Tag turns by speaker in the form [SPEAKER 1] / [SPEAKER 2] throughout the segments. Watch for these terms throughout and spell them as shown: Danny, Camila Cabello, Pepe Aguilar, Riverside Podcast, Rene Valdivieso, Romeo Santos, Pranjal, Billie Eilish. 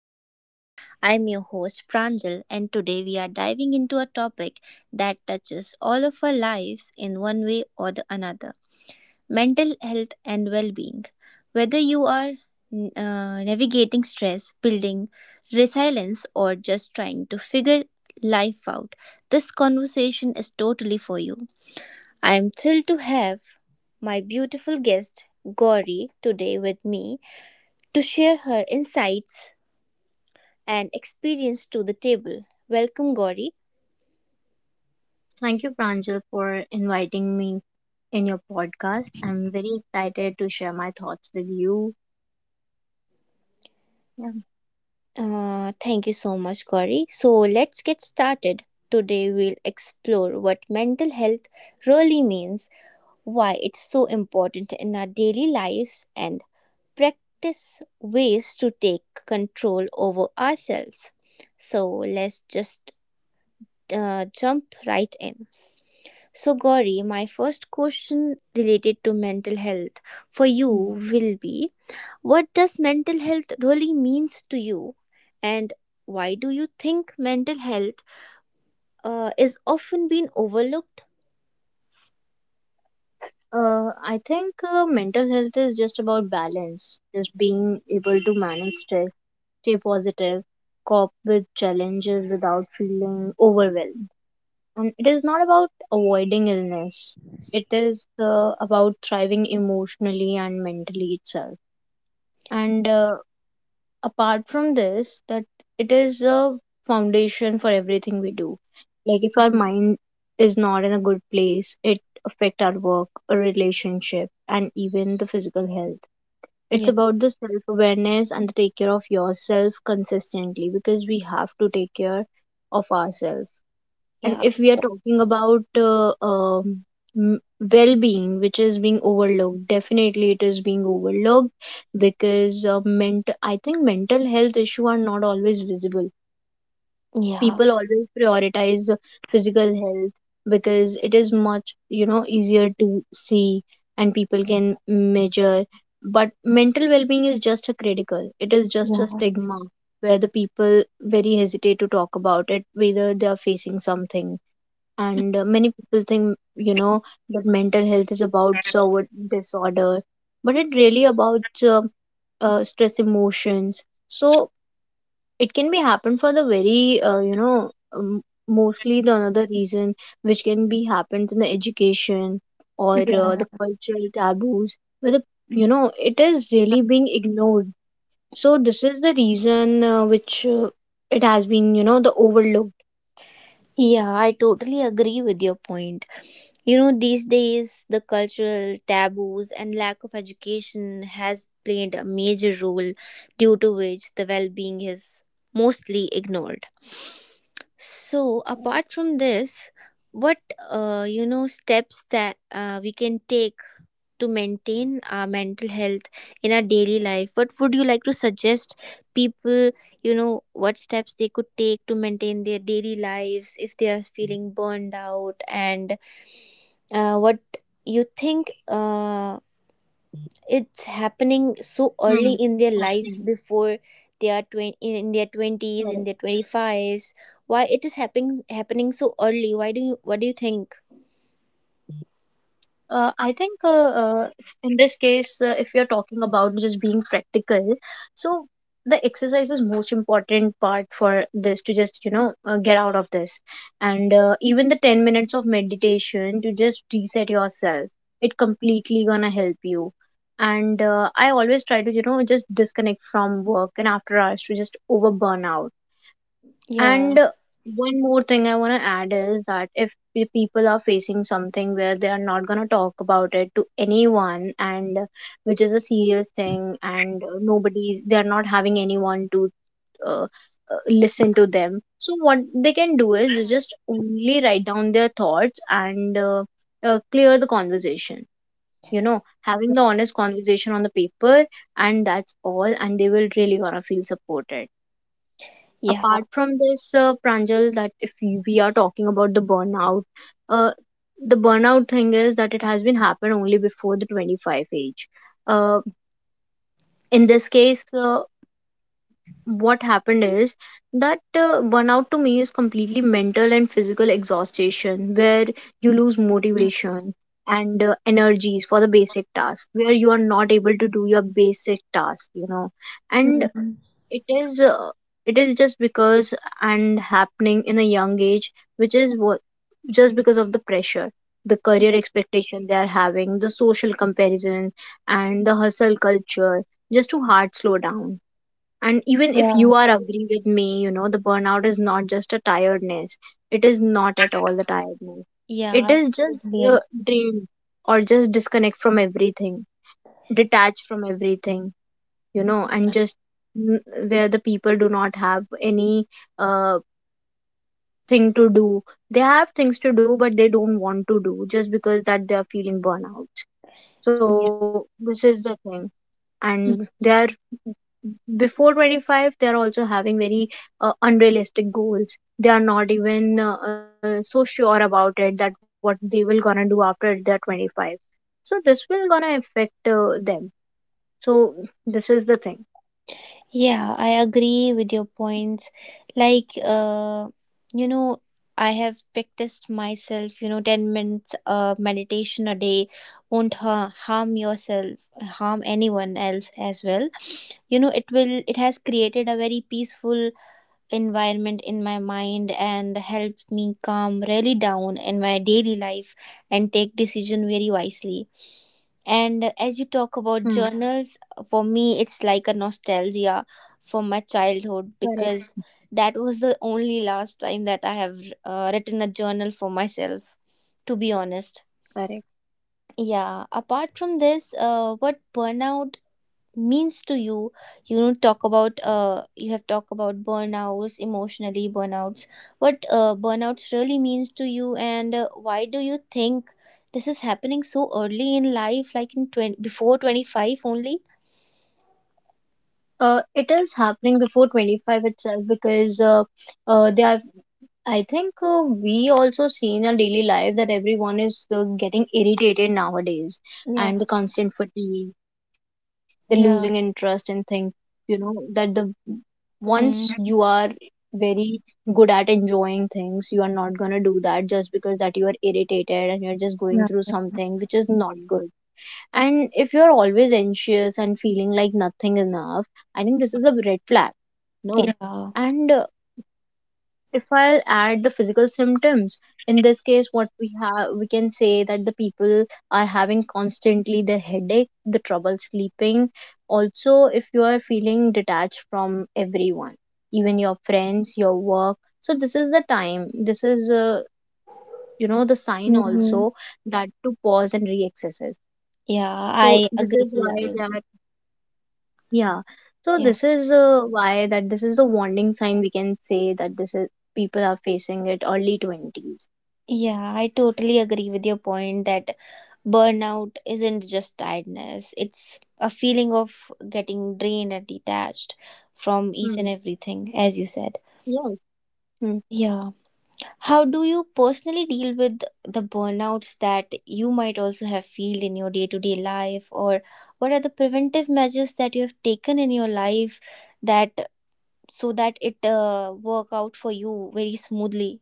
[SPEAKER 1] Podcast. I'm your host, Pranjal, and today we are diving into a topic that touches all of our lives in one way or the another mental health and well being. Whether you are navigating stress, building resilience, or just trying to figure life out, this conversation is totally for you. I am thrilled to have my beautiful guest, Gauri, today with me to share her insights and experience to the table. Welcome, Gauri.
[SPEAKER 2] Thank you, Pranjal, for inviting me in your podcast. I'm very excited to share my thoughts with you. Yeah.
[SPEAKER 1] Thank you so much, Gauri. So, let's get started. Today, we'll explore what mental health really means, why it's so important in our daily lives, and practice ways to take control over ourselves. So, let's just jump right in. So, Gauri, my first question related to mental health for you
[SPEAKER 2] Hmm.
[SPEAKER 1] will be, what does mental health really means to you, and why do you think mental health is often being overlooked?
[SPEAKER 2] I think mental health is just about balance, just being able to manage stress, stay positive, cope with challenges without feeling overwhelmed. And it is not about avoiding illness, it is about thriving emotionally and mentally itself. And apart from this that it is a foundation for everything we do, like if our
[SPEAKER 1] Mhm.
[SPEAKER 2] mind is not in a good place, it affect our work, a relationship, and even the physical health. It's
[SPEAKER 1] Yeah,
[SPEAKER 2] about the self awareness and the take care of yourself consistently, because we have to take care of ourselves. And
[SPEAKER 1] yeah,
[SPEAKER 2] if we are talking about m- well-being, which is being overlooked, definitely it is being overlooked because mental I think mental health issue are not always visible.
[SPEAKER 1] yeah,
[SPEAKER 2] People always prioritize physical health because it is much, you know, easier to see, and people can measure, but mental well-being is just a critical, it is just a
[SPEAKER 1] yeah.
[SPEAKER 2] stigma where the people very hesitate to talk about it whether they are facing something. And many people think, you know, that mental health is about so disorder, but it really about stress, emotions. So it can be happen for the very you know, mostly the another reason, which can be happens in the education or the cultural taboos where, the you know, it is really being ignored. So this is the reason which it has been, you know, the overlooked.
[SPEAKER 1] Yeah, I totally agree with your point. You know, these days, the cultural taboos and lack of education has played a major role, due to which the well being is mostly ignored. So, apart from this, what steps that we can take to maintain our mental health in our daily life? What would you like to suggest people? You know, what steps they could take to maintain their daily lives if they are feeling burned out, and what you think it's happening so
[SPEAKER 2] Hmm.
[SPEAKER 1] early in their
[SPEAKER 2] Happening.
[SPEAKER 1] lives before they are 20,
[SPEAKER 2] Correct.
[SPEAKER 1] in their 20s, in their 25s. Why it is happening so early? Why do you What do you think?
[SPEAKER 2] I think in this case, if you're talking about just being practical, so the exercise is most important part for this to just, you know, get out of this, and even the 10 minutes of meditation to just reset yourself, it completely gonna help you. And I always try to, you know, just disconnect from work and after hours to just over burn out. And
[SPEAKER 1] Yeah.
[SPEAKER 2] one more thing I want to add is that if the people are facing something where they are not going to talk about it to anyone, and which is a serious thing, and nobody's, they are not having anyone to uh, uh, listen to them. So what they can do is they just only write down their thoughts and clear the conversation. You know, having the honest conversation on the paper, and that's all, and they will really gonna feel supported.
[SPEAKER 1] Yeah.
[SPEAKER 2] Apart from this, Pranjal, that if we are talking about uh, the burnout thing is that it has been happened only before the 25 age. Uh, in this case, what happened is that burnout to me is completely mental and physical exhaustion, where you lose motivation and energies for the basic task, where you are not able to do your basic task, you know, and
[SPEAKER 1] Mhm.
[SPEAKER 2] it is uh, it is just because, and happening in a young age, which is what, just because of the pressure, the career expectation they are having, the social comparison and the hustle culture, just to hard slow down. And even if
[SPEAKER 1] Yeah.
[SPEAKER 2] you are agree with me, you know, the burnout is not just a tiredness, it is not at all the tiredness,
[SPEAKER 1] Yeah, I
[SPEAKER 2] it is just
[SPEAKER 1] totally agree.
[SPEAKER 2] a dream, or just disconnect from everything, detach from everything, you know, and just n- where the people do not have any uh thing to do, they have things to do but they don't want to do just because that they are feeling burnout.
[SPEAKER 1] Yeah.
[SPEAKER 2] So this is the thing, and they are, before 25 they are also having very unrealistic goals. They are not even so sure about it that what they will gonna do after they're 25. So this will gonna affect them. So this is the thing.
[SPEAKER 1] Yeah, I agree with your points. Like, you know, I have practiced myself, 10 minutes meditation a day won't harm yourself, harm anyone else as well. You know, it has created a very peaceful environment in my mind, and help me calm really down in my daily life, and take decision very wisely. And as you
[SPEAKER 2] Hmm.
[SPEAKER 1] talk about journals, for me it's like a nostalgia for my childhood,
[SPEAKER 2] correct
[SPEAKER 1] because that was the only last time that I have written a journal for myself, to be honest.
[SPEAKER 2] correct.
[SPEAKER 1] Yeah, apart from this, what burnout means to you. You know, talk about you have talked about burnouts, emotionally burnouts. What burnouts really means to you? And why do you think this is happening so early in life, like in 20 before 25 only?
[SPEAKER 2] It is happening before 25 itself because they have. I think we also see in our daily life that everyone is getting irritated nowadays,
[SPEAKER 1] Yeah.
[SPEAKER 2] and the constant fatigue, the losing interest
[SPEAKER 1] Yeah.
[SPEAKER 2] in things. You know that the, once you
[SPEAKER 1] Mm.
[SPEAKER 2] are very good at enjoying things, you are not gonna do that just because that you are irritated, and you're just going through
[SPEAKER 1] Yeah.
[SPEAKER 2] something which is not good. And if you're always anxious and feeling like nothing enough, I think this is a red flag. No.
[SPEAKER 1] Yeah.
[SPEAKER 2] And if I'll add the physical symptoms, in this case, what we have, we can say that the people are having constantly their headache, the trouble sleeping. Also, if you are feeling detached from everyone, even your friends, your work. So this is the time. This is, you know, the sign
[SPEAKER 1] Hmm.
[SPEAKER 2] also that to pause and re-exercise.
[SPEAKER 1] Yeah,
[SPEAKER 2] So
[SPEAKER 1] I
[SPEAKER 2] this is
[SPEAKER 1] agree. I
[SPEAKER 2] why they
[SPEAKER 1] agree.
[SPEAKER 2] are. Yeah. So
[SPEAKER 1] Yeah,
[SPEAKER 2] this is why that this is the warning sign, we can say that this is people are facing it early 20s.
[SPEAKER 1] yeah, I totally agree with your point that burnout isn't just tiredness, it's a feeling of getting drained and detached from each and
[SPEAKER 2] Hmm.
[SPEAKER 1] everything, as you said.
[SPEAKER 2] Yes.
[SPEAKER 1] Yeah. How do you personally deal with the burnouts that you might also have feel in your day-to-day life, or what are the preventive measures that you have taken in your life that so that it work out for you very smoothly?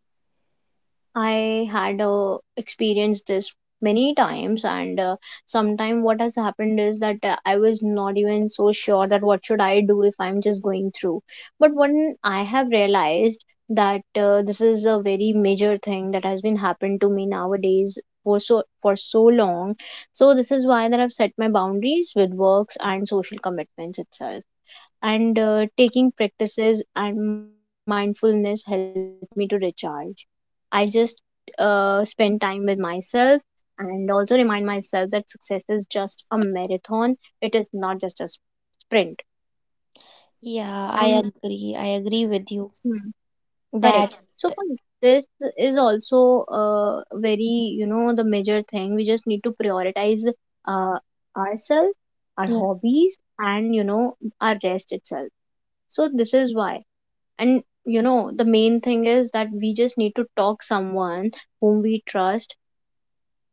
[SPEAKER 2] I had experienced this many times, and sometime what has happened is that I was not even so sure that what should I do if I'm just going through. But when I have realized that this is a very major thing that has been happened to me nowadays for so long, so this is why that I've set my boundaries with works and social commitments itself. And taking practices and mindfulness help me to recharge. I just spend time with myself, and also remind myself that success is just a marathon, it is not just a sprint.
[SPEAKER 1] Yeah,
[SPEAKER 2] And
[SPEAKER 1] I agree. I agree with you
[SPEAKER 2] Hmm, correct,
[SPEAKER 1] that.
[SPEAKER 2] so for this is also uh, very, you know, the major thing, we just need to prioritize uh, ourselves, our
[SPEAKER 1] Yeah.
[SPEAKER 2] hobbies, and you know, our rest itself. So this is why, and you know, the main thing is that we just need to talk someone whom we trust.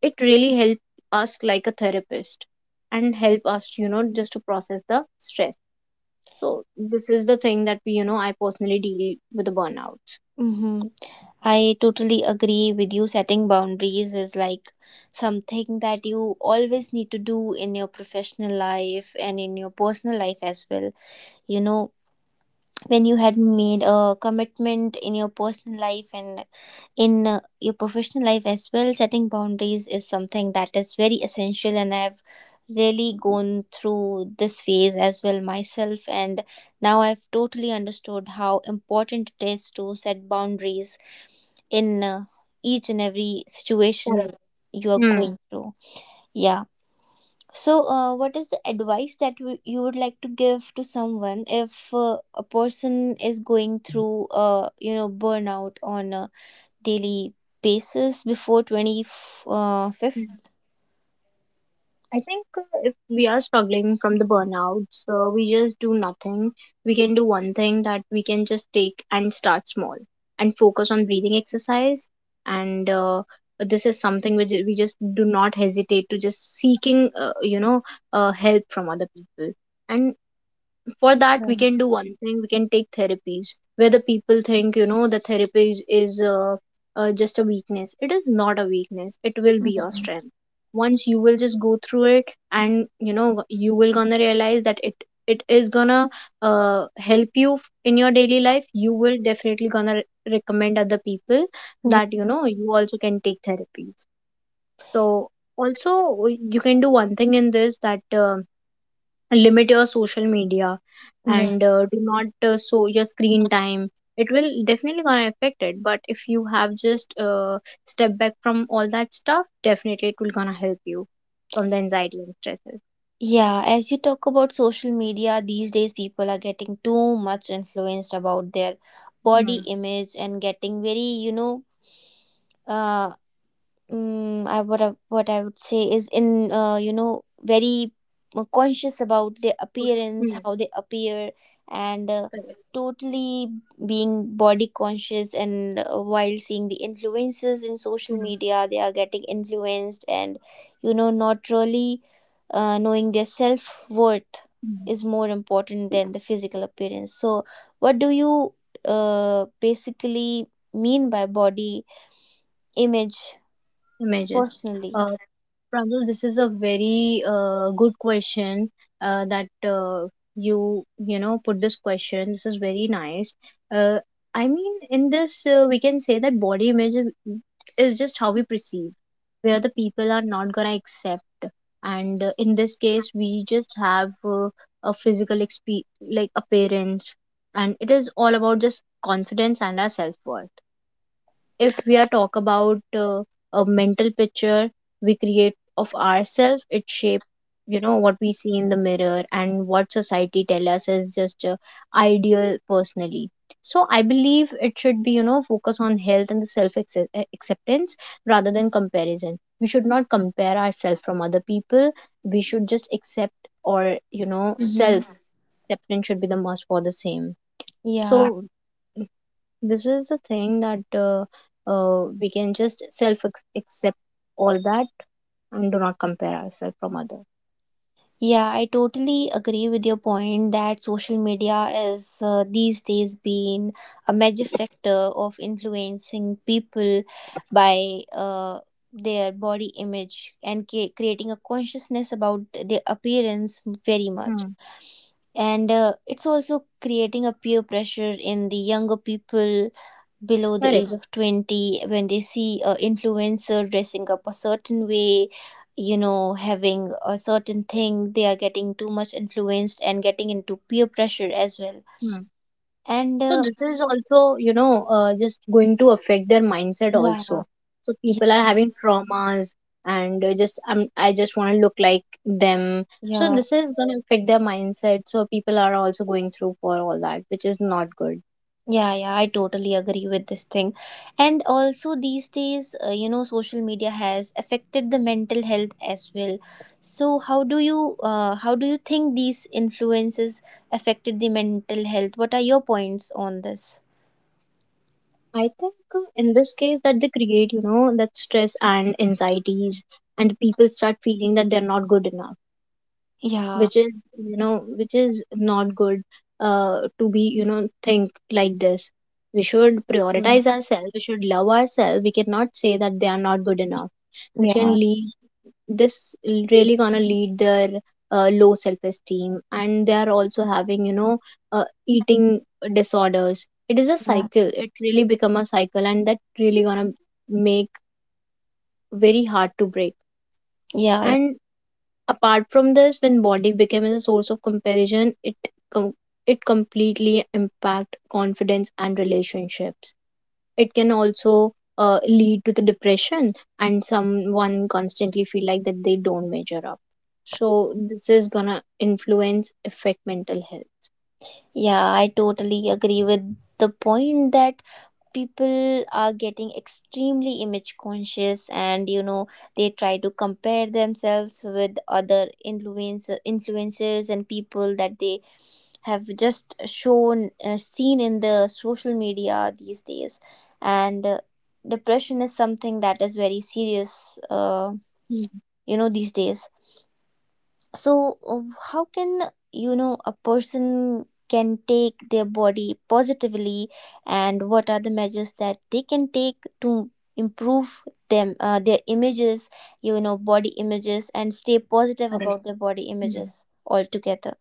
[SPEAKER 2] It really help us, like a therapist, and help us, you know, just to process the stress. So this is the thing that we, you know, I personally deal with the burnouts.
[SPEAKER 1] Mm-hmm. I totally agree with you. Setting boundaries is like something that you always need to do in your professional life and in your personal life as well. You know, when you had made a commitment in your personal life and in your professional life as well, setting boundaries is something that is very essential. And I've really gone through this phase as well myself. And now I've totally understood how important it is to set boundaries in each and every
[SPEAKER 2] Correct.
[SPEAKER 1] situation you are
[SPEAKER 2] Hmm.
[SPEAKER 1] going through. Yeah. So, what is the advice that you would like to give to someone if a person is going through, burnout on a daily basis before 25th?
[SPEAKER 2] I think if we are struggling from the burnout, so we just do nothing. We can do one thing, that we can just take and start small, and focus on breathing exercise. And this is something which we just do not hesitate to just seeking, you know, help from other people. And for that, we
[SPEAKER 1] Yeah.
[SPEAKER 2] can do one thing, we can take therapies where the people think, you know, the therapies is just a weakness. It is not a weakness, it will be your strength. Once you will just go through it, and you know, you will gonna realize that it is gonna uh, help you in your daily life. You will definitely gonna recommend other people
[SPEAKER 1] Yeah.
[SPEAKER 2] that, you know, you also can take therapies. So also you can do one thing in this, that limit your social media,
[SPEAKER 1] Yeah,
[SPEAKER 2] and do not show your screen time. It will definitely gonna affect it, but if you have just step back from all that stuff, definitely it will gonna help you from the anxiety and stresses.
[SPEAKER 1] yeah, as you talk about social media, these days people are getting too much influenced about their
[SPEAKER 2] Hmm.
[SPEAKER 1] body image, and getting very, you know, uh, I what I would say is in very conscious about their appearance,
[SPEAKER 2] Hmm.
[SPEAKER 1] how they appear, and
[SPEAKER 2] Correct.
[SPEAKER 1] totally being body conscious. And while seeing the influencers in social
[SPEAKER 2] Hmm.
[SPEAKER 1] media, they are getting influenced, and not really knowing their self worth
[SPEAKER 2] Hmm.
[SPEAKER 1] is more important than the physical appearance. So, what do you basically mean by body image
[SPEAKER 2] Images.
[SPEAKER 1] personally?
[SPEAKER 2] Uh, Pranjul, this is a very good question that you you know put this question. This is very nice. Uh, I mean, in this we can say that body image is just how we perceive, where the people are not gonna accept, and in this case we just have a physical exp, like appearance, and it is all about just confidence and our self worth. If we are talk about a mental picture we create of ourselves, it shape, you know, what we see in the mirror and what society tell us is just ideal personally. So I believe it should be, you know, focus on health and the self acceptance rather than comparison. We should not compare ourselves from other people. We should just accept, or you know,
[SPEAKER 1] Mm-hmm.
[SPEAKER 2] self acceptance should be the must for the same. So
[SPEAKER 1] Yeah,
[SPEAKER 2] this is the thing that we can just self accept all that, and do not compare ourselves from other.
[SPEAKER 1] yeah, I totally agree with your point that social media is these days been a major factor of influencing people by their body image, and creating a consciousness about their appearance very much.
[SPEAKER 2] Hmm.
[SPEAKER 1] And it's also creating a peer pressure in the younger people below the
[SPEAKER 2] Correct.
[SPEAKER 1] age of 20, when they see a influencer dressing up a certain way, having a certain thing. They are getting too much influenced and getting into peer pressure as well.
[SPEAKER 2] Hmm.
[SPEAKER 1] And
[SPEAKER 2] So this is also, you know, just going to affect their mindset
[SPEAKER 1] yeah,
[SPEAKER 2] also. So people
[SPEAKER 1] yeah,
[SPEAKER 2] are having traumas and just I just want to look like them. So
[SPEAKER 1] yeah,
[SPEAKER 2] this is going to affect their mindset. So people are also going through for all that, which is not good.
[SPEAKER 1] yeah, yeah, I totally agree with this thing. And also these days, social media has affected the mental health as well. So how do you think these influences affected the mental health? What are your points on this?
[SPEAKER 2] I think in this case that they create, you know, that stress and anxieties, and people start feeling that they're not good enough,
[SPEAKER 1] Yeah.
[SPEAKER 2] which is, you know, which is not good to be, you know, think like this. We should
[SPEAKER 1] Mm.
[SPEAKER 2] prioritize ourselves, we should love ourselves. We cannot say that they are not good enough, which can
[SPEAKER 1] Yeah.
[SPEAKER 2] lead this really gonna lead their low self-esteem, and they are also having eating disorders. It is a
[SPEAKER 1] Yeah.
[SPEAKER 2] cycle, it really become a cycle, and that really gonna make very hard to break.
[SPEAKER 1] Yeah. Yeah.
[SPEAKER 2] And apart from this, when body becomes a source of comparison, it com- it completely impact confidence and relationships. It can also lead to the depression, and someone constantly feel like that they don't measure up. So this is gonna influence affect mental health.
[SPEAKER 1] Yeah, I totally agree with the point that people are getting extremely image conscious, and they try to compare themselves with other influencers and people that they have just shown seen in the social media these days. And depression is something that is very serious,
[SPEAKER 2] Hmm.
[SPEAKER 1] these days. So how can a person can take their body positively, and what are the measures that they can take to improve them their images, body images, and stay positive
[SPEAKER 2] Correct.
[SPEAKER 1] about their body images altogether?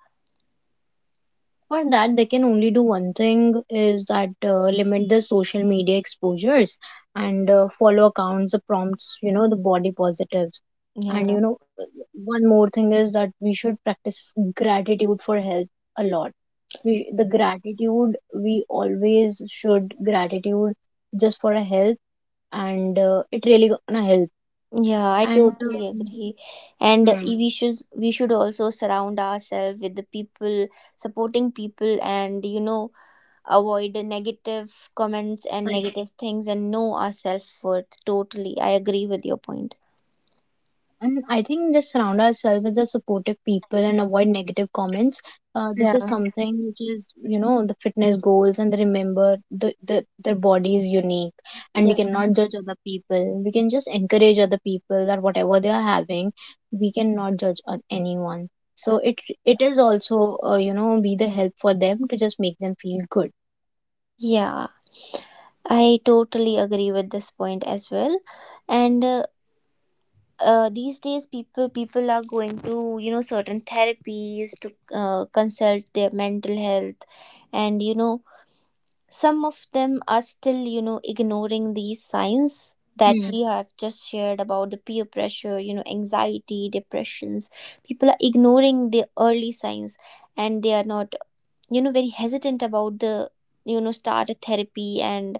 [SPEAKER 2] For that, they can only do one thing is that limit the social media exposures, and follow accounts the prompts, you know, the body positives. And
[SPEAKER 1] Yeah,
[SPEAKER 2] you know, one more thing is that we should practice gratitude for health a lot. We, the gratitude we always should gratitude just for a help, and it really gonna help.
[SPEAKER 1] yeah, I
[SPEAKER 2] And
[SPEAKER 1] totally agree. And
[SPEAKER 2] hmm.
[SPEAKER 1] we should, also surround ourselves with the people supporting people, and avoid negative comments and negative things, and know our self-worth. Totally, I agree with your point.
[SPEAKER 2] And I think just surround ourselves with the supportive people and avoid negative comments. This is
[SPEAKER 1] Yeah.
[SPEAKER 2] something which is, you know, the fitness goals and the remember the their body is unique, and we
[SPEAKER 1] Yeah,
[SPEAKER 2] cannot judge other people. We can just encourage other people that whatever they are having, we cannot judge on anyone. So it is also, you know, be the help for them to just make them feel good.
[SPEAKER 1] yeah, I totally agree with this point as well. And these days, people are going to certain therapies to consult their mental health. And some of them are still, ignoring these signs that
[SPEAKER 2] Hmm.
[SPEAKER 1] we have just shared about the peer pressure, anxiety, depressions. People are ignoring the early signs, and they are not, very hesitant about the, start a therapy. And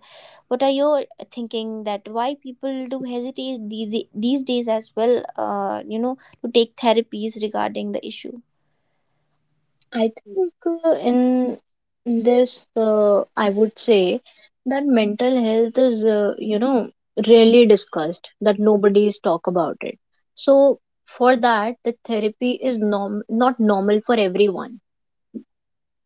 [SPEAKER 1] what are your thinking that why people do hesitate these days as well, to take therapies regarding the issue?
[SPEAKER 2] I think in this, I would say that mental health is, you know, rarely discussed, that nobody is talk about it. So for that, the therapy is norm not normal for everyone.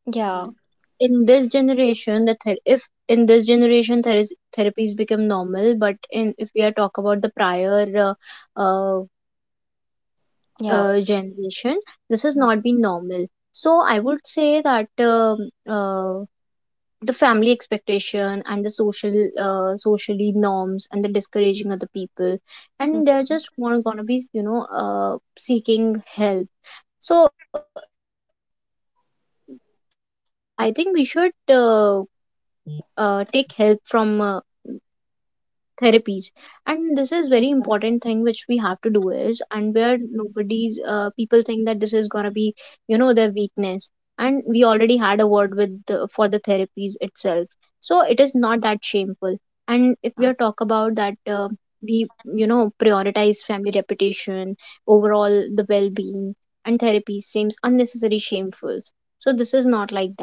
[SPEAKER 1] Yeah,
[SPEAKER 2] Mm. In this generation, the ther if in this generation there is therapies become normal, but in if we are talk about the prior uh,
[SPEAKER 1] yeah,
[SPEAKER 2] generation, this has not been normal. So I would say that uh, the family expectation and the social socially norms and the discouraging other people, and they're just want gonna be, you know, seeking help. So I think we should take help from therapies. And this is very important thing which we have to do is, and where nobody's people think that this is gonna be, you know, their weakness. And we already had a word with the, for the therapies itself, so it is not that shameful. And if we are talk about that, we, you know, prioritize family reputation overall the well-being, and therapy seems unnecessary shameful. So this is not like that.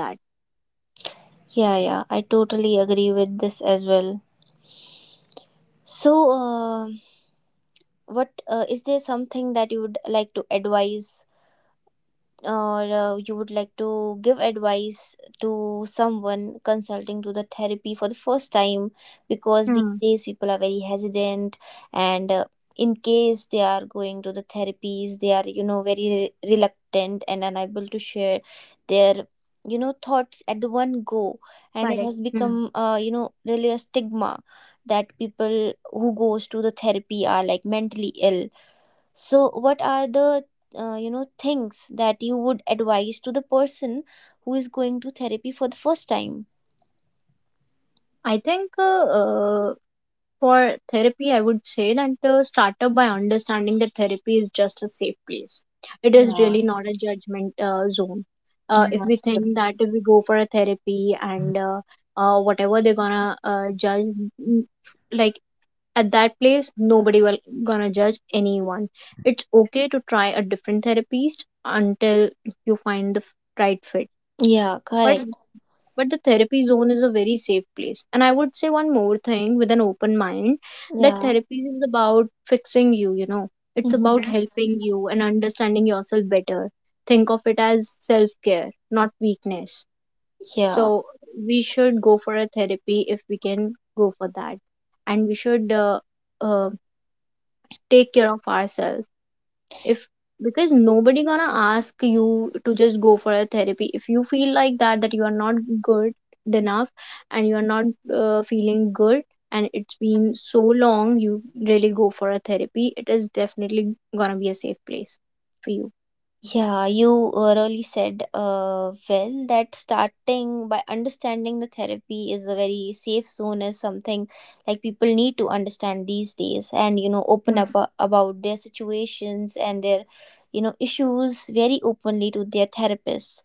[SPEAKER 1] yeah, yeah, I totally agree with this as well. So, what is there something that you would like to advise, or you would like to give advice to someone consulting to the therapy for the first time, because these
[SPEAKER 2] Hmm.
[SPEAKER 1] days people are very hesitant. And in case they are going to the therapies, they are very reluctant and unable to share their thoughts at the one go. And it
[SPEAKER 2] Correct.
[SPEAKER 1] has become really a stigma, that people who goes to the therapy are like mentally ill. So, what are the things that you would advise to the person who is going to therapy for the first time?
[SPEAKER 2] I think for therapy, I would say that start up by understanding that therapy is just a safe place. It is
[SPEAKER 1] Yeah.
[SPEAKER 2] really not a judgment zone.
[SPEAKER 1] Yeah.
[SPEAKER 2] If we think that if we go for a therapy, and whatever they're gonna judge, mm, like at that place, nobody will gonna judge anyone. It's okay to try a different therapist until you find the right fit.
[SPEAKER 1] Yeah,
[SPEAKER 2] But
[SPEAKER 1] correct.
[SPEAKER 2] but the therapy zone is a very safe place. And I would say one more thing, with an open mind, that
[SPEAKER 1] Yeah.
[SPEAKER 2] therapy is about fixing you, you know, it's about
[SPEAKER 1] Hmm.
[SPEAKER 2] helping you and understanding yourself better. Think of it as self care, not weakness.
[SPEAKER 1] Yeah.
[SPEAKER 2] So we should go for a therapy if we can go for that. And we should uh, take care of ourselves if, because nobody gonna ask you to just go for a therapy if you feel like that that you are not good enough, and you are not feeling good, and it's been so long you really go for a therapy. It is definitely gonna be a safe place for you.
[SPEAKER 1] Yeah, you really said well, that starting by understanding the therapy is a very safe zone is something like people need to understand these days, and open up about their situations and their issues very openly to their therapists.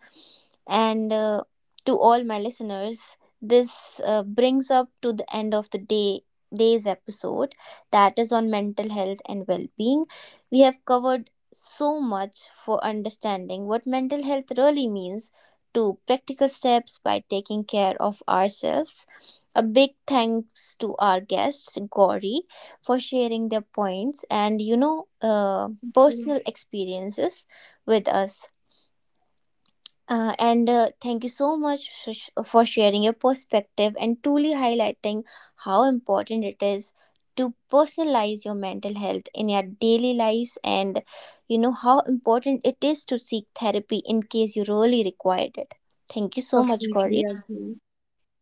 [SPEAKER 1] And to all my listeners, this brings up to the end of the day's episode, that is on mental health and well-being. We have covered so much, for understanding what mental health really means, to practical steps by taking care of ourselves. A big thanks to our guest, Gauri, for sharing their points and,
[SPEAKER 2] Hmm.
[SPEAKER 1] personal experiences with us. And thank you so much, for sharing your perspective, and truly highlighting how important it is to personalize your mental health in your daily lives, and you know how important it is to seek therapy in case you really required it. Thank you so much,
[SPEAKER 2] Completely
[SPEAKER 1] Corey.
[SPEAKER 2] agree.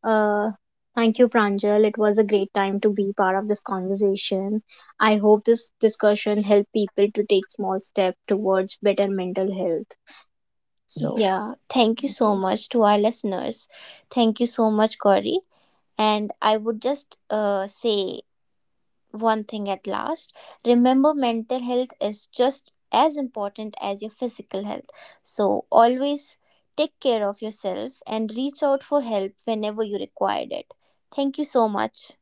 [SPEAKER 2] uh, Thank you, Pranjal. It was a great time to be part of this conversation. I hope this discussion helped people to take small steps towards better mental health. So,
[SPEAKER 1] Yeah, thank you
[SPEAKER 2] thank
[SPEAKER 1] so
[SPEAKER 2] you.
[SPEAKER 1] much to our listeners. Thank you so much, Corey. And I would just say one thing at last. Remember, mental health is just as important as your physical health, so always take care of yourself and reach out for help whenever you required it. Thank you so much.